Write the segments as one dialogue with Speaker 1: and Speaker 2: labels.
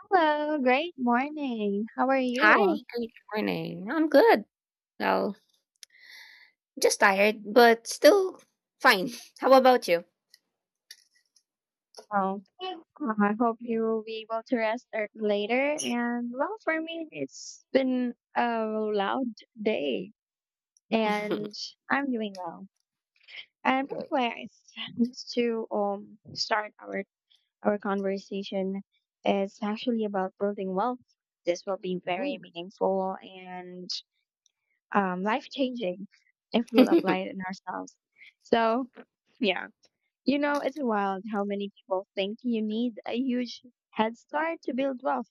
Speaker 1: Hello, great morning. How are
Speaker 2: Hi,
Speaker 1: you?
Speaker 2: good morning. I'm good. Well, just tired, but still fine. How about you?
Speaker 1: Oh, I hope you will be able to later. And well, for me, it's been a loud day, and I'm doing well. And by the
Speaker 2: Good.
Speaker 1: way, just to start our conversation, it's actually about building wealth. This will be very
Speaker 2: Mhm.
Speaker 1: meaningful and life changing if we'll apply it in ourselves. So, yeah. You know, it's wild how many people think you need a huge head start to build wealth.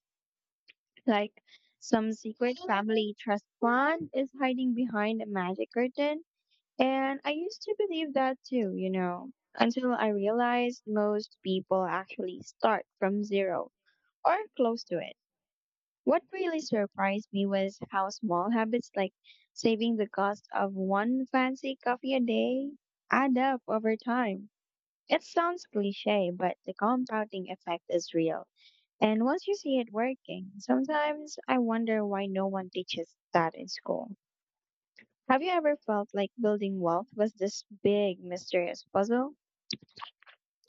Speaker 1: Like some secret family trust fund is hiding behind a magic curtain. And I used to believe that too, you know, until I realized most people actually start from zero or close to it. What really surprised me was how small habits like saving the cost of one fancy coffee a day add up over time. It sounds cliche, but the compounding effect is real. And once you see it working, sometimes I wonder why no one teaches that in school. Have you ever felt like building wealth was this big mysterious puzzle?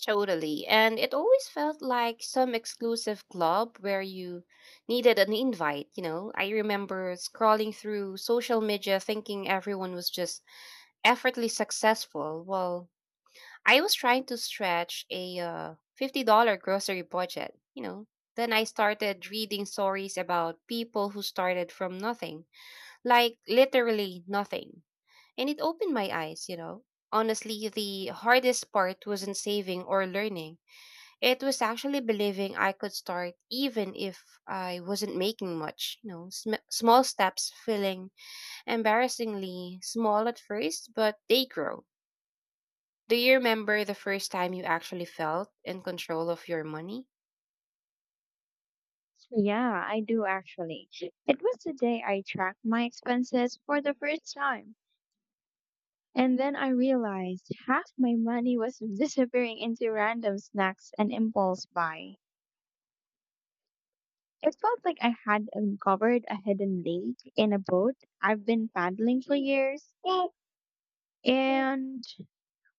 Speaker 2: Totally. And it always felt like some exclusive club where you needed an invite, you know. I remember scrolling through social media thinking everyone was just effortlessly successful, while I was trying to stretch a $50 grocery budget, you know. Then I started reading stories about people who started from nothing, like literally nothing. And it opened my eyes, you know. Honestly, the hardest part wasn't saving or learning. It was actually believing I could start even if I wasn't making much, you know. Small steps feeling embarrassingly small at first, but they grow. Do you remember the first time you actually felt in control of your money?
Speaker 1: Yeah, I do actually. It was the day I tracked my expenses for the first time. And then I realized half my money was disappearing into random snacks and impulse buy. It felt like I had uncovered a hidden lake in a boat I've been paddling for years. And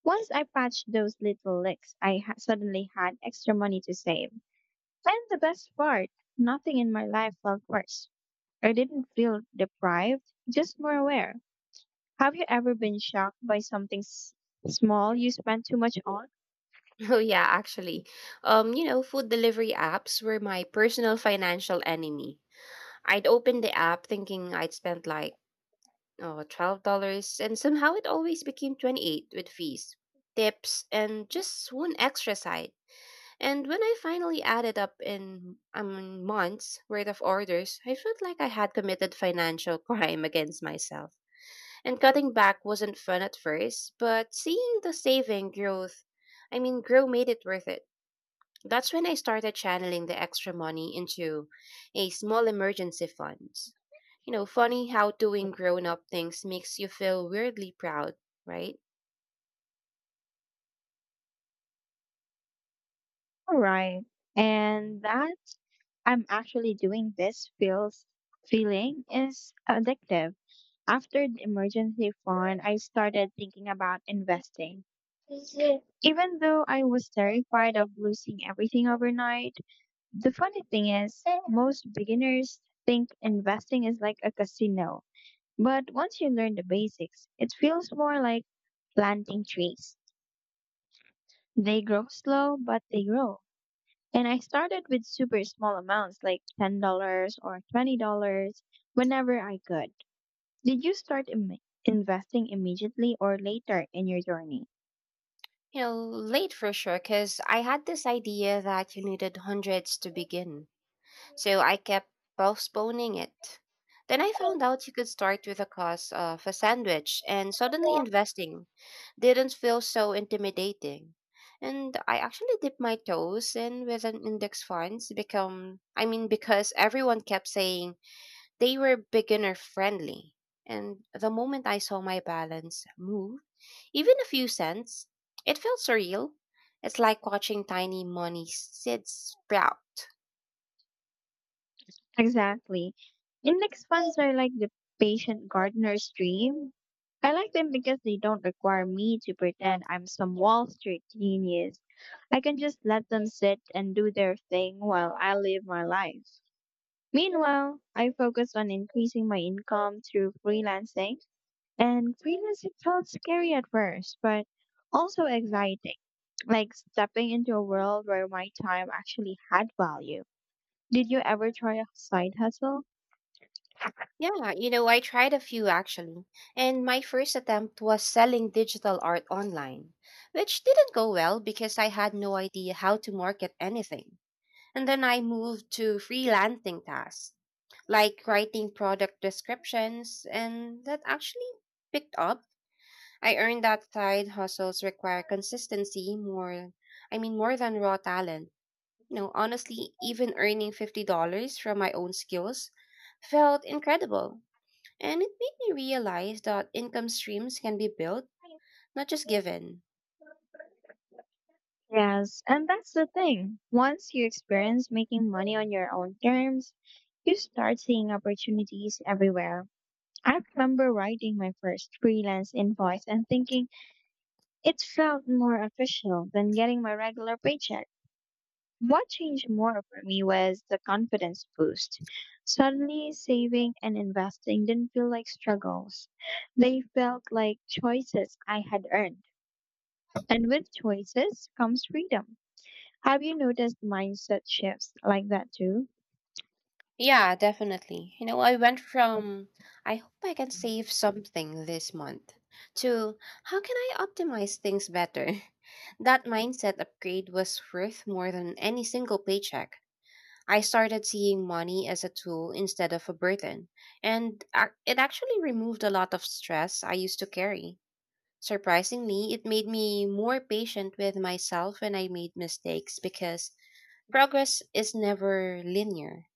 Speaker 1: once I patched those little licks, suddenly had extra money to save. And the best part, nothing in my life felt worse. I didn't feel deprived, just more aware. Have you ever been shocked by small you spent too much on?
Speaker 2: Oh yeah, actually. You know, food delivery apps were my personal financial enemy. I'd open the app thinking I'd spent like oh, $12 and somehow it always became 28 with fees, tips, and just one extra side. And when I finally added up in months worth of orders, I felt like I had committed financial crime against myself. And cutting back wasn't fun at first, but seeing the saving grow made it worth it. That's when I started channeling the extra money into a small emergency fund. You know, funny how doing grown up things makes you feel weirdly proud, right?
Speaker 1: All right. And that I'm actually doing this feels feeling is addictive. After the emergency fund, I started thinking about investing. Even though I was terrified of losing everything overnight, the funny thing is, most beginners think investing is like a casino. But once you learn the basics, it feels more like planting trees. They grow slow, but they grow. And I started with super small amounts like $10 or $20 whenever I could. Did you start investing immediately or later in your journey?
Speaker 2: You know, late for sure, because I had this idea that you needed hundreds to begin. So I kept postponing it. Then I found out you could start with the cost of a sandwich, and suddenly
Speaker 1: Yeah.
Speaker 2: investing didn't feel so intimidating. And I actually dipped my toes in with an index funds become I mean because everyone kept saying they were beginner friendly. And the moment I saw my balance move, even a few cents, it felt surreal. It's like watching tiny money seeds sprout.
Speaker 1: Exactly. Index funds are like the patient gardener's dream. I like them because they don't require me to pretend I'm some Wall Street genius. I can just let them sit and do their thing while I live my life. Meanwhile, I focus on increasing my income through freelancing. And freelancing felt scary at first, but also exciting, like stepping into a world where my time actually had value. Did you ever try a side hustle?
Speaker 2: Yeah, you know, I tried a few actually, and my first attempt was selling digital art online, which didn't go well because I had no idea how to market anything. And then I moved to freelancing tasks, like writing product descriptions, and that actually picked up. I earned that side hustles require consistency more, I mean, more than raw talent. You know, honestly, even earning $50 from my own skills felt incredible, and it made me realize that income streams can be built, not just given.
Speaker 1: Yes, and that's the thing. Once you experience making money on your own terms, you start seeing opportunities everywhere. I remember writing my first freelance invoice and thinking it felt more official than getting my regular paycheck. What changed more for me was the confidence boost. Suddenly, saving and investing didn't feel like struggles. They felt like choices I had earned. And with choices comes freedom. Have you noticed mindset shifts like that too?
Speaker 2: Yeah, definitely. You know, I went from "I hope I can save something this month" to "how can I optimize things better?" That mindset upgrade was worth more than any single paycheck. I started seeing money as a tool instead of a burden, and it actually removed a lot of stress I used to carry. Surprisingly, it made me more patient with myself when I made mistakes because progress is never linear.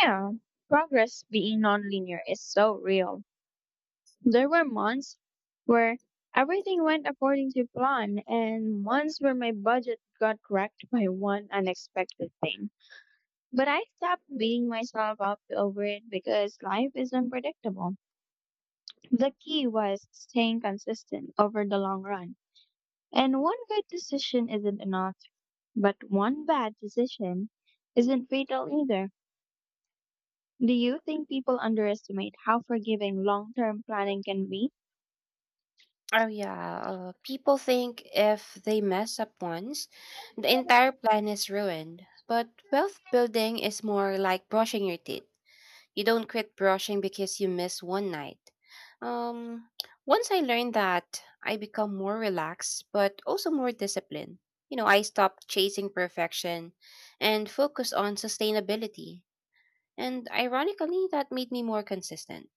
Speaker 1: Yeah, progress being nonlinear is so real. There were months where everything went according to plan, and months where my budget got wrecked by one unexpected thing. But I stopped beating myself up over it because life is unpredictable. The key was staying consistent over the long run. And one good decision isn't enough, but one bad decision isn't fatal either. Do you think people underestimate how forgiving long term planning can be?
Speaker 2: Oh, yeah. People think if they mess up once, the entire plan is ruined. But wealth building is more like brushing your teeth. You don't quit brushing because you miss one night. Um, Once I learned that, I become more relaxed, but also more disciplined. You know, I stopped chasing perfection and focus on sustainability. And ironically, that made me more consistent.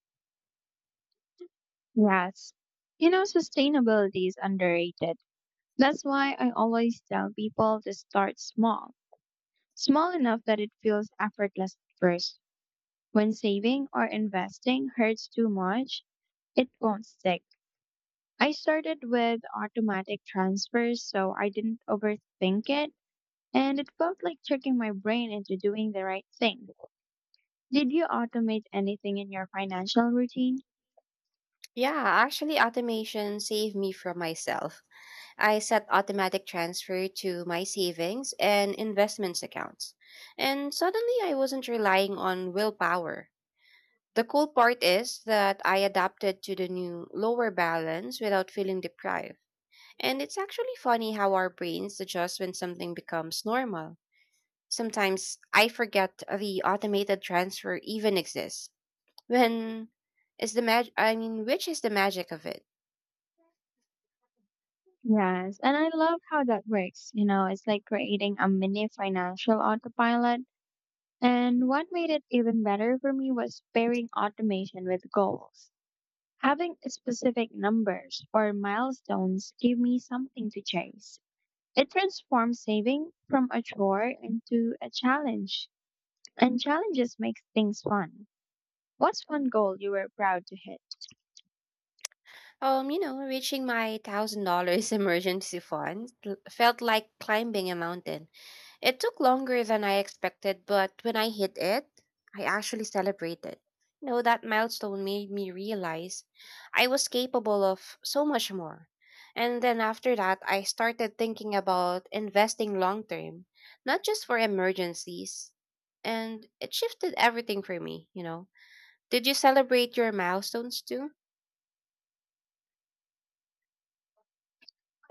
Speaker 1: Yes. You know, sustainability is underrated. That's why I always tell people to start small, small enough that it feels effortless at first. When saving or investing hurts too much, it won't stick. I started with automatic transfers so I didn't overthink it, and it felt like tricking my brain into doing the right thing. Did you automate anything in your financial routine?
Speaker 2: Yeah, actually, automation saved me from myself. I set automatic transfer to my savings and investments accounts. And suddenly, I wasn't relying on willpower. The cool part is that I adapted to the new lower balance without feeling deprived. And it's actually funny how our brains adjust when something becomes normal. Sometimes I forget the automated transfer even exists. When is the mag I mean, Which is the magic of it?
Speaker 1: Yes, and I love how that works. You know, it's like creating a mini financial autopilot. And what made it even better for me was pairing automation with goals. Having specific numbers or milestones give me something to chase. It transforms saving from a chore into a challenge, and challenges make things fun. What's one goal you were proud to hit?
Speaker 2: You know, reaching my $1,000 emergency fund felt like climbing a mountain. It took longer than I expected, but when I hit it, I actually celebrated. You know, that milestone made me realize I was capable of so much more. And then after that, I started thinking about investing long term, not just for emergencies. And it shifted everything for me, you know. Did you celebrate your milestones too?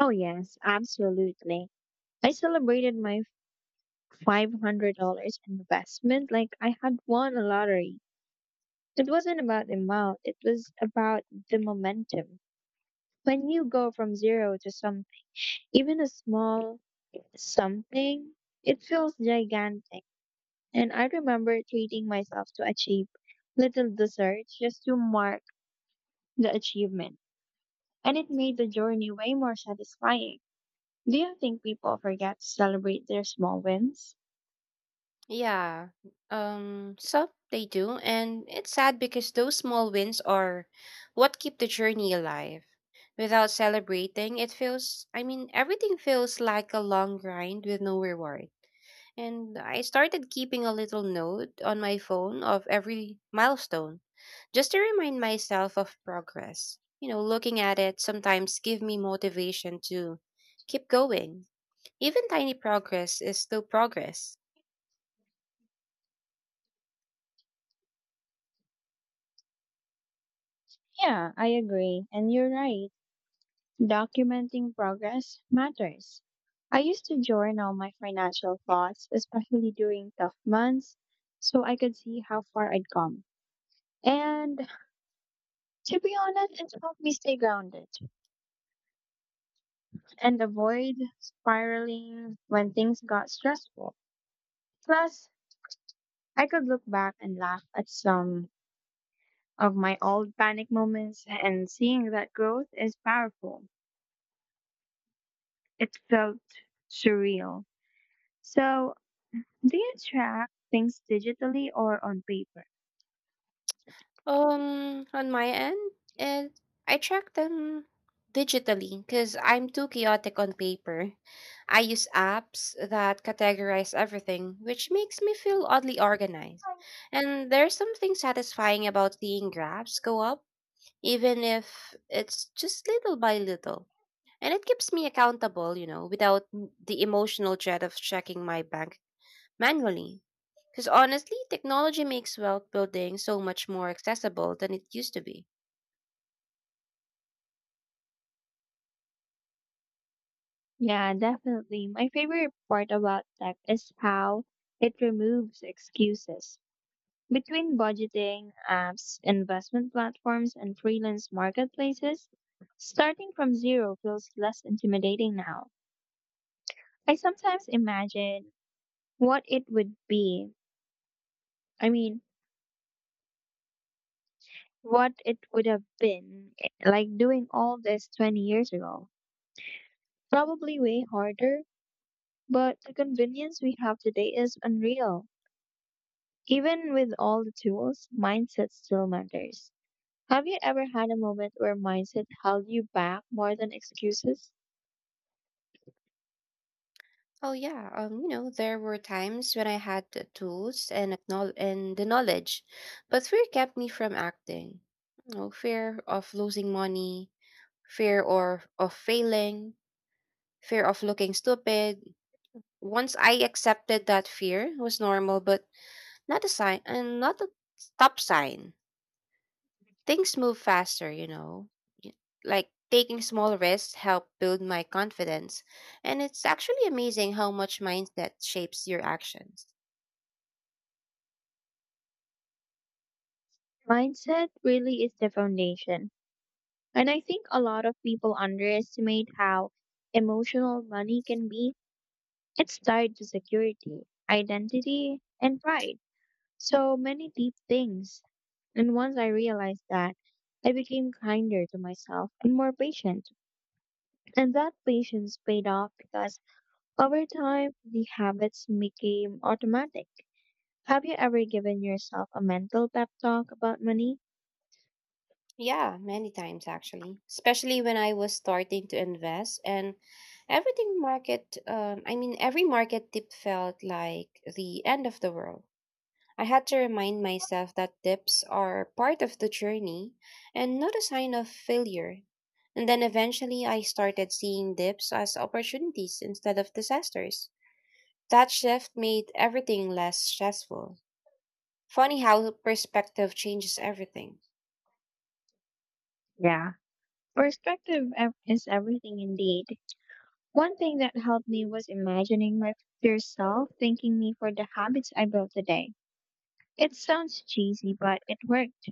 Speaker 1: Oh, yes, absolutely. I celebrated my $500 investment like I had won a lottery. It wasn't about the amount, it was about the momentum. When you go from zero to some, even a small something, it feels gigantic. And I remember treating myself to a cheap little dessert just to mark the achievement. And it made the journey way more satisfying. Do you think people forget to celebrate their small wins?
Speaker 2: Yeah. Some they do, and it's sad because those small wins are what keep the journey alive. Without celebrating, it feels I mean everything feels like a long grind with no reward. And I started keeping a little note on my phone of every milestone just to remind myself of progress. You know, looking at it sometimes give me motivation to keep going. Even tiny progress is still progress.
Speaker 1: Yeah, I agree. And you're right. Documenting progress matters. I used to journal my financial thoughts, especially during tough months, so I could see how far I'd come. And to be honest, it helped me stay grounded and avoid spiraling when things got stressful. Plus, I could look back and laugh at some of my old panic moments, and seeing that growth is powerful. It felt surreal. So, do you track things digitally or on paper?
Speaker 2: On my end, and I track them digitally because I'm too chaotic on paper. I use apps that categorize everything, which makes me feel oddly organized. And there's something satisfying about seeing graphs go up, even if it's just little by little. And it keeps me accountable, you know, without the emotional dread of checking my bank manually. Because honestly, technology makes wealth building so much more accessible than it used to be.
Speaker 1: Yeah, definitely. My favorite part about tech is how it removes excuses. Between budgeting apps, investment platforms, and freelance marketplaces, starting from zero feels less intimidating now. I sometimes imagine what it would be. I mean, what it would have been like doing all this 20 years ago. Probably way harder, but the convenience we have today is unreal. Even with all the tools, mindset still matters. Have you ever had a moment where mindset held you back more than excuses?
Speaker 2: Oh yeah, you know, there were times when I had the tools and the knowledge, but fear kept me from acting. You know, fear of losing money, fear or of failing, fear of looking stupid. Once I accepted that fear was normal, but not a sign and not a stop sign, things move faster, you know. Y- Like taking small risks help build my confidence, and it's actually amazing how much mindset shapes your actions.
Speaker 1: Mindset really is the foundation. And I think a lot of people underestimate how emotional money can be. It's tied to security, identity, and pride. So many deep things. And once I realized that, I became kinder to myself and more patient. And that patience paid off because over time, the habits became automatic. Have you ever given yourself a mental pep talk about money?
Speaker 2: Yeah, many times actually, especially when I was starting to invest and every market dip felt like the end of the world. I had to remind myself that dips are part of the journey and not a sign of failure. And then eventually I started seeing dips as opportunities instead of disasters. That shift made everything less stressful. Funny how perspective changes everything.
Speaker 1: Yeah, Perspective is everything indeed. One thing that helped me was imagining my future self thanking me for the habits I built today. It sounds cheesy, but it worked.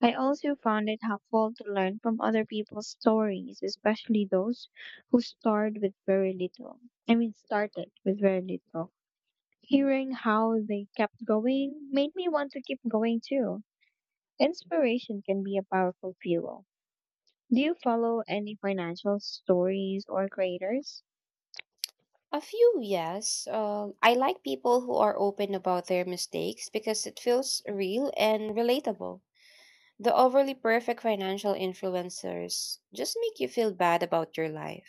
Speaker 1: I also found it helpful to learn from other people's stories, especially those who started with very little. I mean, started with very little. Hearing how they kept going made me want to keep going too. Inspiration can be a powerful fuel. Do you follow any financial stories or creators?
Speaker 2: A few, yes. I like people who are open about their mistakes because it feels real and relatable. The overly perfect financial influencers just make you feel bad about your life.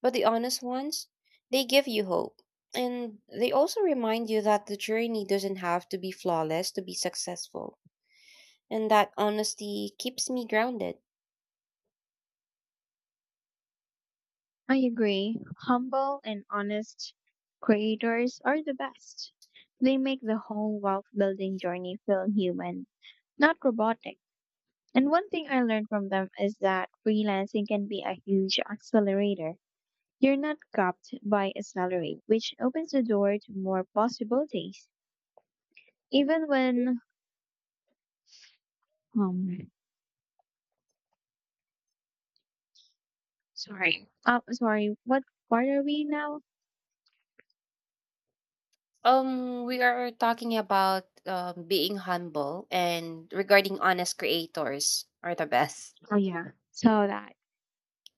Speaker 2: But the honest ones, they give you hope. And they also remind you that the journey doesn't have to be flawless to be successful. And that honesty keeps me grounded.
Speaker 1: I agree. Humble and honest creators are the best. They make the whole wealth building journey feel human, not robotic. And one thing I learned from them is that freelancing can be a huge accelerator. You're not capped by a salary, which opens the door to more possibilities. Even when, um, sorry, sorry, what part are we now?
Speaker 2: We are talking about being humble and regarding honest creators are the best.
Speaker 1: Oh yeah, so that.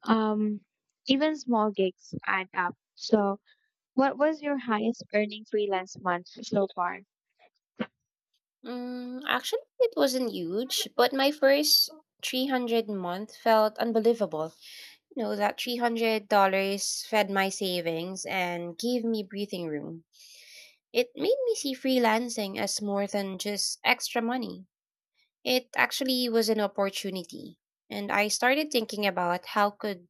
Speaker 1: Um, Even small gigs add up. So, what was your highest earning freelance month so far?
Speaker 2: Mm, actually, it wasn't huge, but my first 300-month felt unbelievable. You know, that $300 fed my savings and gave me breathing room. It made me see freelancing as more than just extra money. It actually was an opportunity. And I started thinking about how could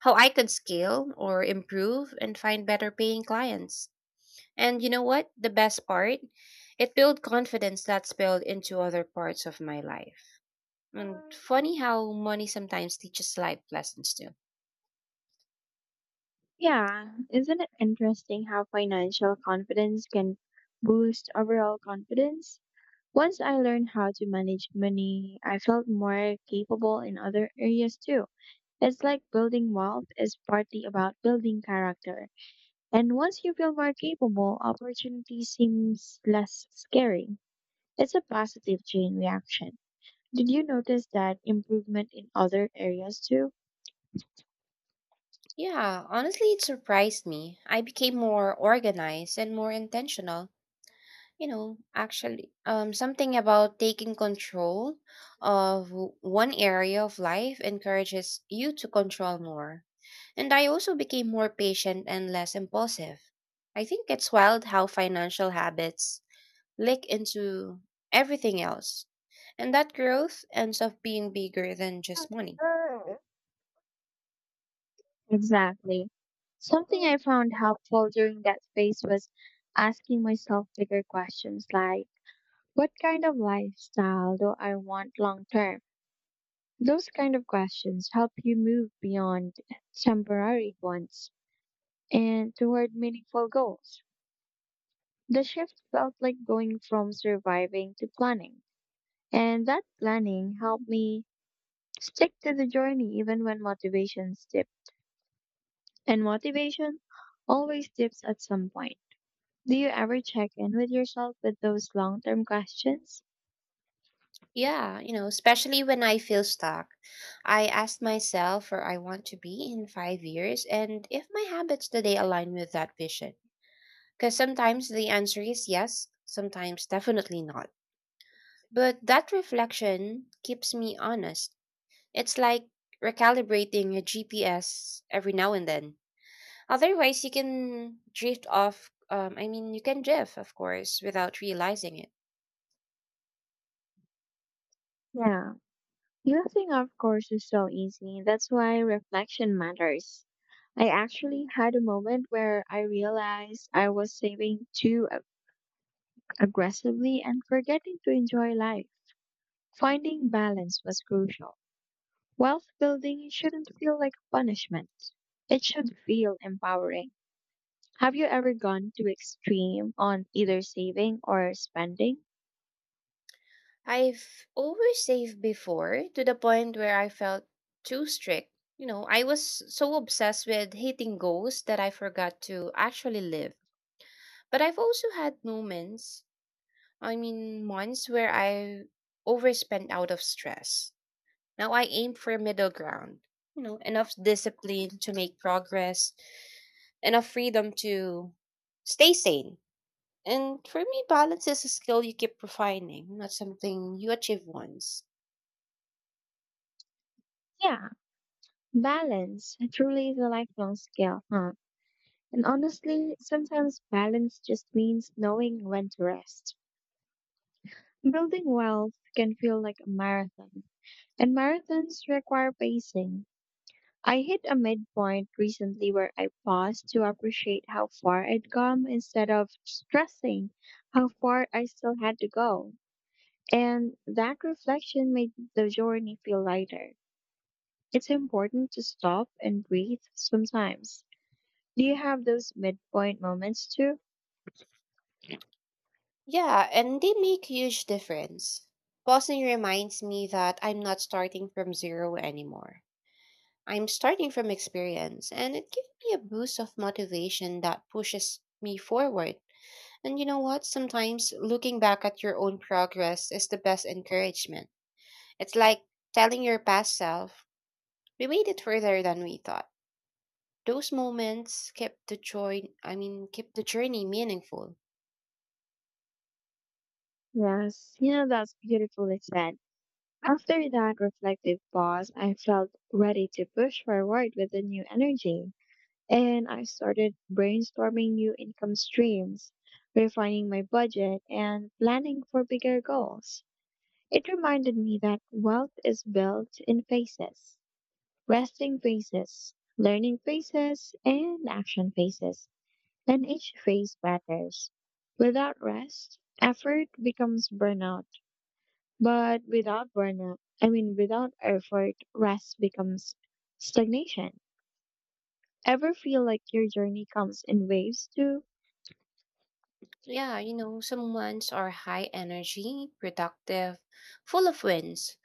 Speaker 2: how I could scale or improve and find better paying clients. And you know what? The best part, it built confidence that spilled into other parts of my life. And funny how money sometimes teaches life lessons too.
Speaker 1: Yeah, isn't it interesting how financial confidence can boost overall confidence? Once I learned how to manage money, I felt more capable in other areas too. It's like building wealth is partly about building character. And once you feel more capable, opportunity seems less scary. It's a positive chain reaction. Did you notice that improvement in other areas too?
Speaker 2: Yeah, honestly, it surprised me. I became more organized and more intentional. You know, actually, something about taking control of one area of life encourages you to control more. And I also became more patient and less impulsive. I think it's wild how financial habits leak into everything else. And that growth ends up being bigger than just money.
Speaker 1: Exactly. Something I found helpful during that phase was asking myself bigger questions like, what kind of lifestyle do I want long term? Those kind of questions help you move beyond temporary ones and toward meaningful goals. The shift felt like going from surviving to planning, and that planning helped me stick to the journey even when motivations dip. And motivation always dips at some point. Do you ever check in with yourself with those long term questions?
Speaker 2: Yeah, you know, especially when I feel stuck. I ask myself where I want to be in 5 years and if my habits today align with that vision. Because sometimes the answer is yes, sometimes definitely not. But that reflection keeps me honest. It's like recalibrating your GPS every now and then. Otherwise, you can drift off. I mean, You can drift, of course, without realizing it.
Speaker 1: Yeah. Nothing, of course, is so easy. That's why reflection matters. I actually had a moment where I realized I was aggressively and forgetting to enjoy life. Finding balance was crucial. Wealth building shouldn't feel like a punishment, it should feel empowering. Have you ever gone to extreme on either saving or spending?
Speaker 2: I've oversaved before to the point where I felt too strict. You know, I was so obsessed with hating goals that I forgot to actually live. But I've also had months where I overspent out of stress. Now I aim for middle ground, you know, enough discipline to make progress, enough freedom to stay sane. And for me, balance is a skill you keep refining, not something you achieve once.
Speaker 1: Yeah, balance truly is a lifelong skill, huh? And honestly, sometimes balance just means knowing when to rest. Building wealth can feel like a marathon, and marathons require pacing. I hit a midpoint recently where I paused to appreciate how far I'd come instead of stressing how far I still had to go. And that reflection made the journey feel lighter. It's important to stop and breathe sometimes. Do you have those midpoint moments too?
Speaker 2: Yeah, and they make huge difference. Pausing reminds me that I'm not starting from zero anymore. I'm starting from experience, and it gives me a boost of motivation that pushes me forward. And you know what? Sometimes looking back at your own progress is the best encouragement. It's like telling your past self, we made it further than we thought. Those moments kept the kept the journey meaningful.
Speaker 1: Yes, you know, that's beautifully said. After that reflective pause, I felt ready to push forward with a new energy. And I started brainstorming new income streams, refining my budget, and planning for bigger goals. It reminded me that wealth is built in phases. Resting phases, learning phases, and action phases, and each phase matters. Without rest, effort becomes burnout, but without burnout, I mean, without effort, rest becomes stagnation. Ever feel like your journey comes in waves too?
Speaker 2: Yeah, you know, some ones are high energy, productive, full of wins.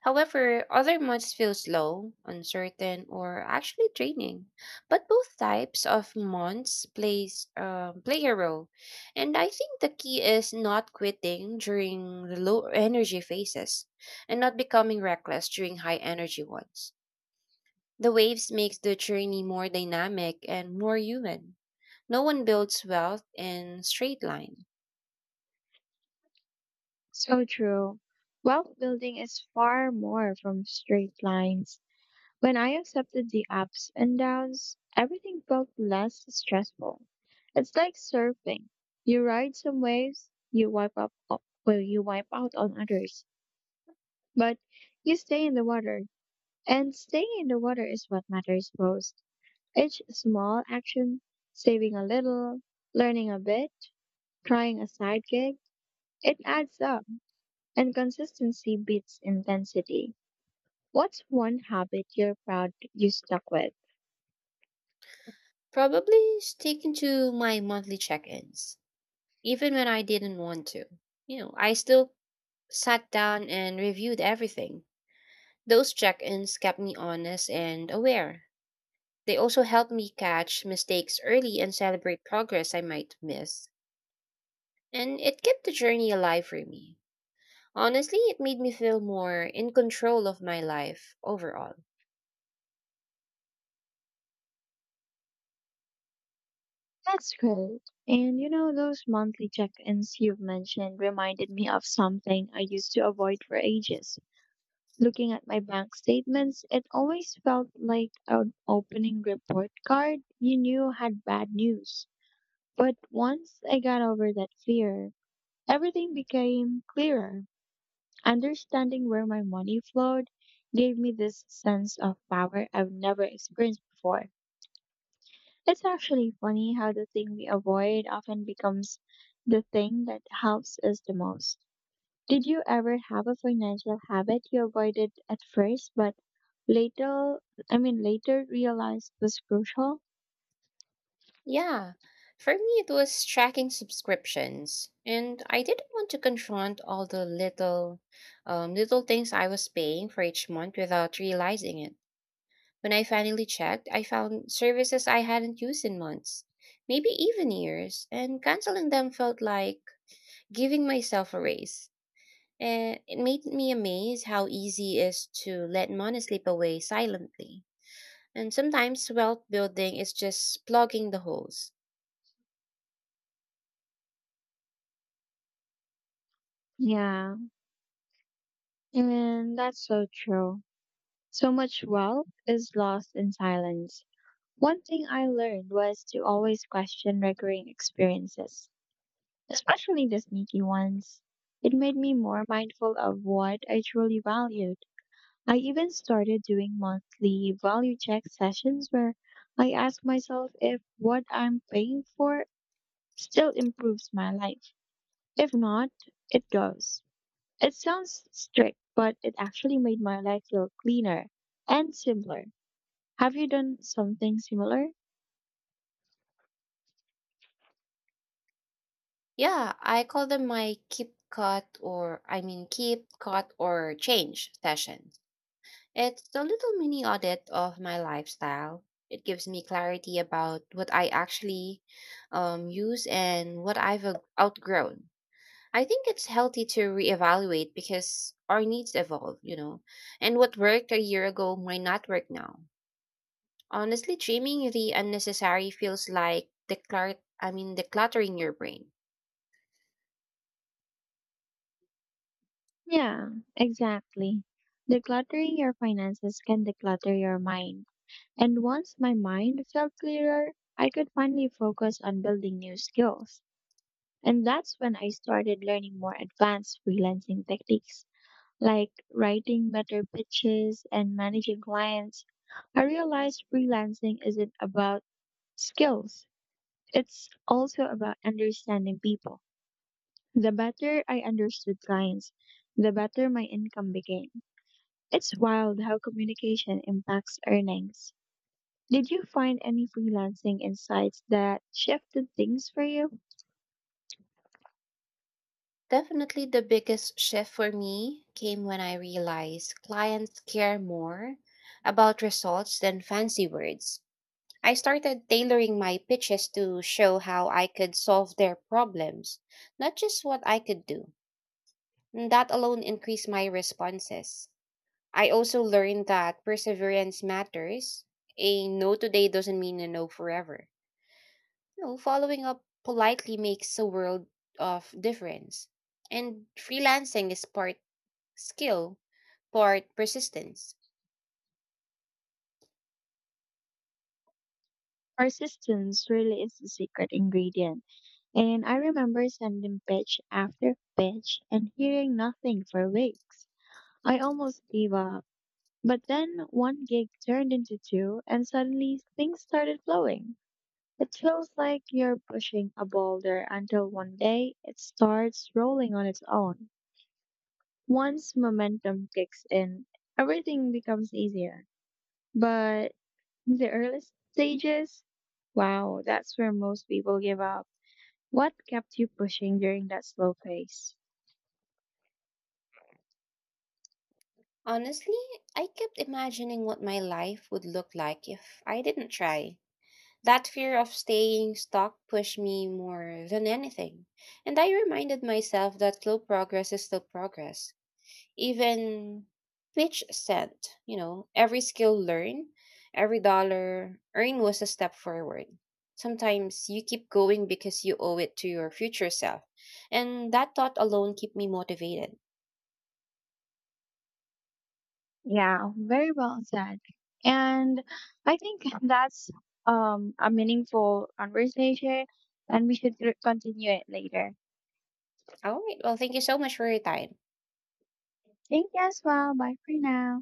Speaker 2: However, other months feel slow, uncertain, or actually draining. But both types of months play a role, and I think the key is not quitting during the low energy phases, and not becoming reckless during high energy ones. The waves makes the journey more dynamic and more human. No one builds wealth in straight line.
Speaker 1: So true. Wealth building is far more from straight lines. When I accepted the ups and downs, everything felt less stressful. It's like surfing. You ride some waves, you wipe up o- well, you wipe out on others, but you stay in the water. And staying in the water is what matters most. Each small action, saving a little, learning a bit, trying a side gig, it adds up. And consistency beats intensity. What's one habit you're proud you stuck with?
Speaker 2: Probably sticking to my monthly check ins, even when I didn't want to. You know, I still sat down and reviewed everything. Those check ins kept me honest and aware. They also helped me catch mistakes early and celebrate progress I might miss. And it kept the journey alive for me. Honestly, it made me feel more in control of my life overall.
Speaker 1: That's great. And you know, those monthly check-ins you've mentioned reminded me of something I used to avoid for ages. Looking at my bank statements, it always felt like an opening report card you knew had bad news. But once I got over that fear, everything became clearer. Understanding where my money flowed gave me this sense of power I've never experienced before. It's actually funny how the thing we avoid often becomes the thing that helps us the most. Did you ever have a financial habit you avoided at first, but later, later realized was crucial?
Speaker 2: Yeah, for me it was tracking subscriptions, and I didn't want to confront all the little things I was paying for each month without realizing it. When I finally checked, I found services I hadn't used in months, maybe even years, and canceling them felt like giving myself a raise. And it made me amazed how easy it is to let money slip away silently. And sometimes wealth building is just plugging the holes.
Speaker 1: Yeah, and that's so true. So much wealth is lost in silence. One thing I learned was to always question recurring experiences, especially the sneaky ones. It made me more mindful of what I truly valued. I even started doing monthly value check sessions where I ask myself if what I'm paying for still improves my life. If not, it goes. It sounds strict, but it actually made my life feel cleaner and simpler. Have you done something similar?
Speaker 2: Yeah, I call them my keep cut or change sessions. It's a little mini audit of my lifestyle. It gives me clarity about what I actually use and what I've outgrown. I think it's healthy to reevaluate because our needs evolve, you know, and what worked a year ago might not work now. Honestly, trimming the unnecessary feels like decluttering your brain.
Speaker 1: Yeah, exactly. Decluttering your finances can declutter your mind. And once my mind felt clearer, I could finally focus on building new skills. And that's when I started learning more advanced freelancing techniques, like writing better pitches and managing clients. I realized freelancing isn't about skills, it's also about understanding people. The better I understood clients, the better my income became. It's wild how communication impacts earnings. Did you find any freelancing insights that shifted things for you?
Speaker 2: Definitely, the biggest shift for me came when I realized clients care more about results than fancy words. I started tailoring my pitches to show how I could solve their problems, not just what I could do. And that alone increased my responses. I also learned that perseverance matters. A no today doesn't mean a no forever. You know, following up politely makes a world of difference. And freelancing is part skill, part persistence.
Speaker 1: Persistence really is the secret ingredient. And I remember sending pitch after pitch and hearing nothing for weeks. I almost gave up. But then one gig turned into two, and suddenly things started flowing. It feels like you're pushing a boulder until one day it starts rolling on its own. Once momentum kicks in, everything becomes easier. But in the early stages, wow, that's where most people give up. What kept you pushing during that slow phase?
Speaker 2: Honestly, I kept imagining what my life would look like if I didn't try. That fear of staying stuck pushed me more than anything. And I reminded myself that slow progress is still progress. Even pitch cent, you know, every skill learned, every dollar earned was a step forward. Sometimes you keep going because you owe it to your future self. And that thought alone kept me motivated.
Speaker 1: Yeah, very well said. And I think that's a meaningful conversation and we should continue it later.
Speaker 2: All right. Well, thank you so much for your time.
Speaker 1: Thank you as well. Bye for now.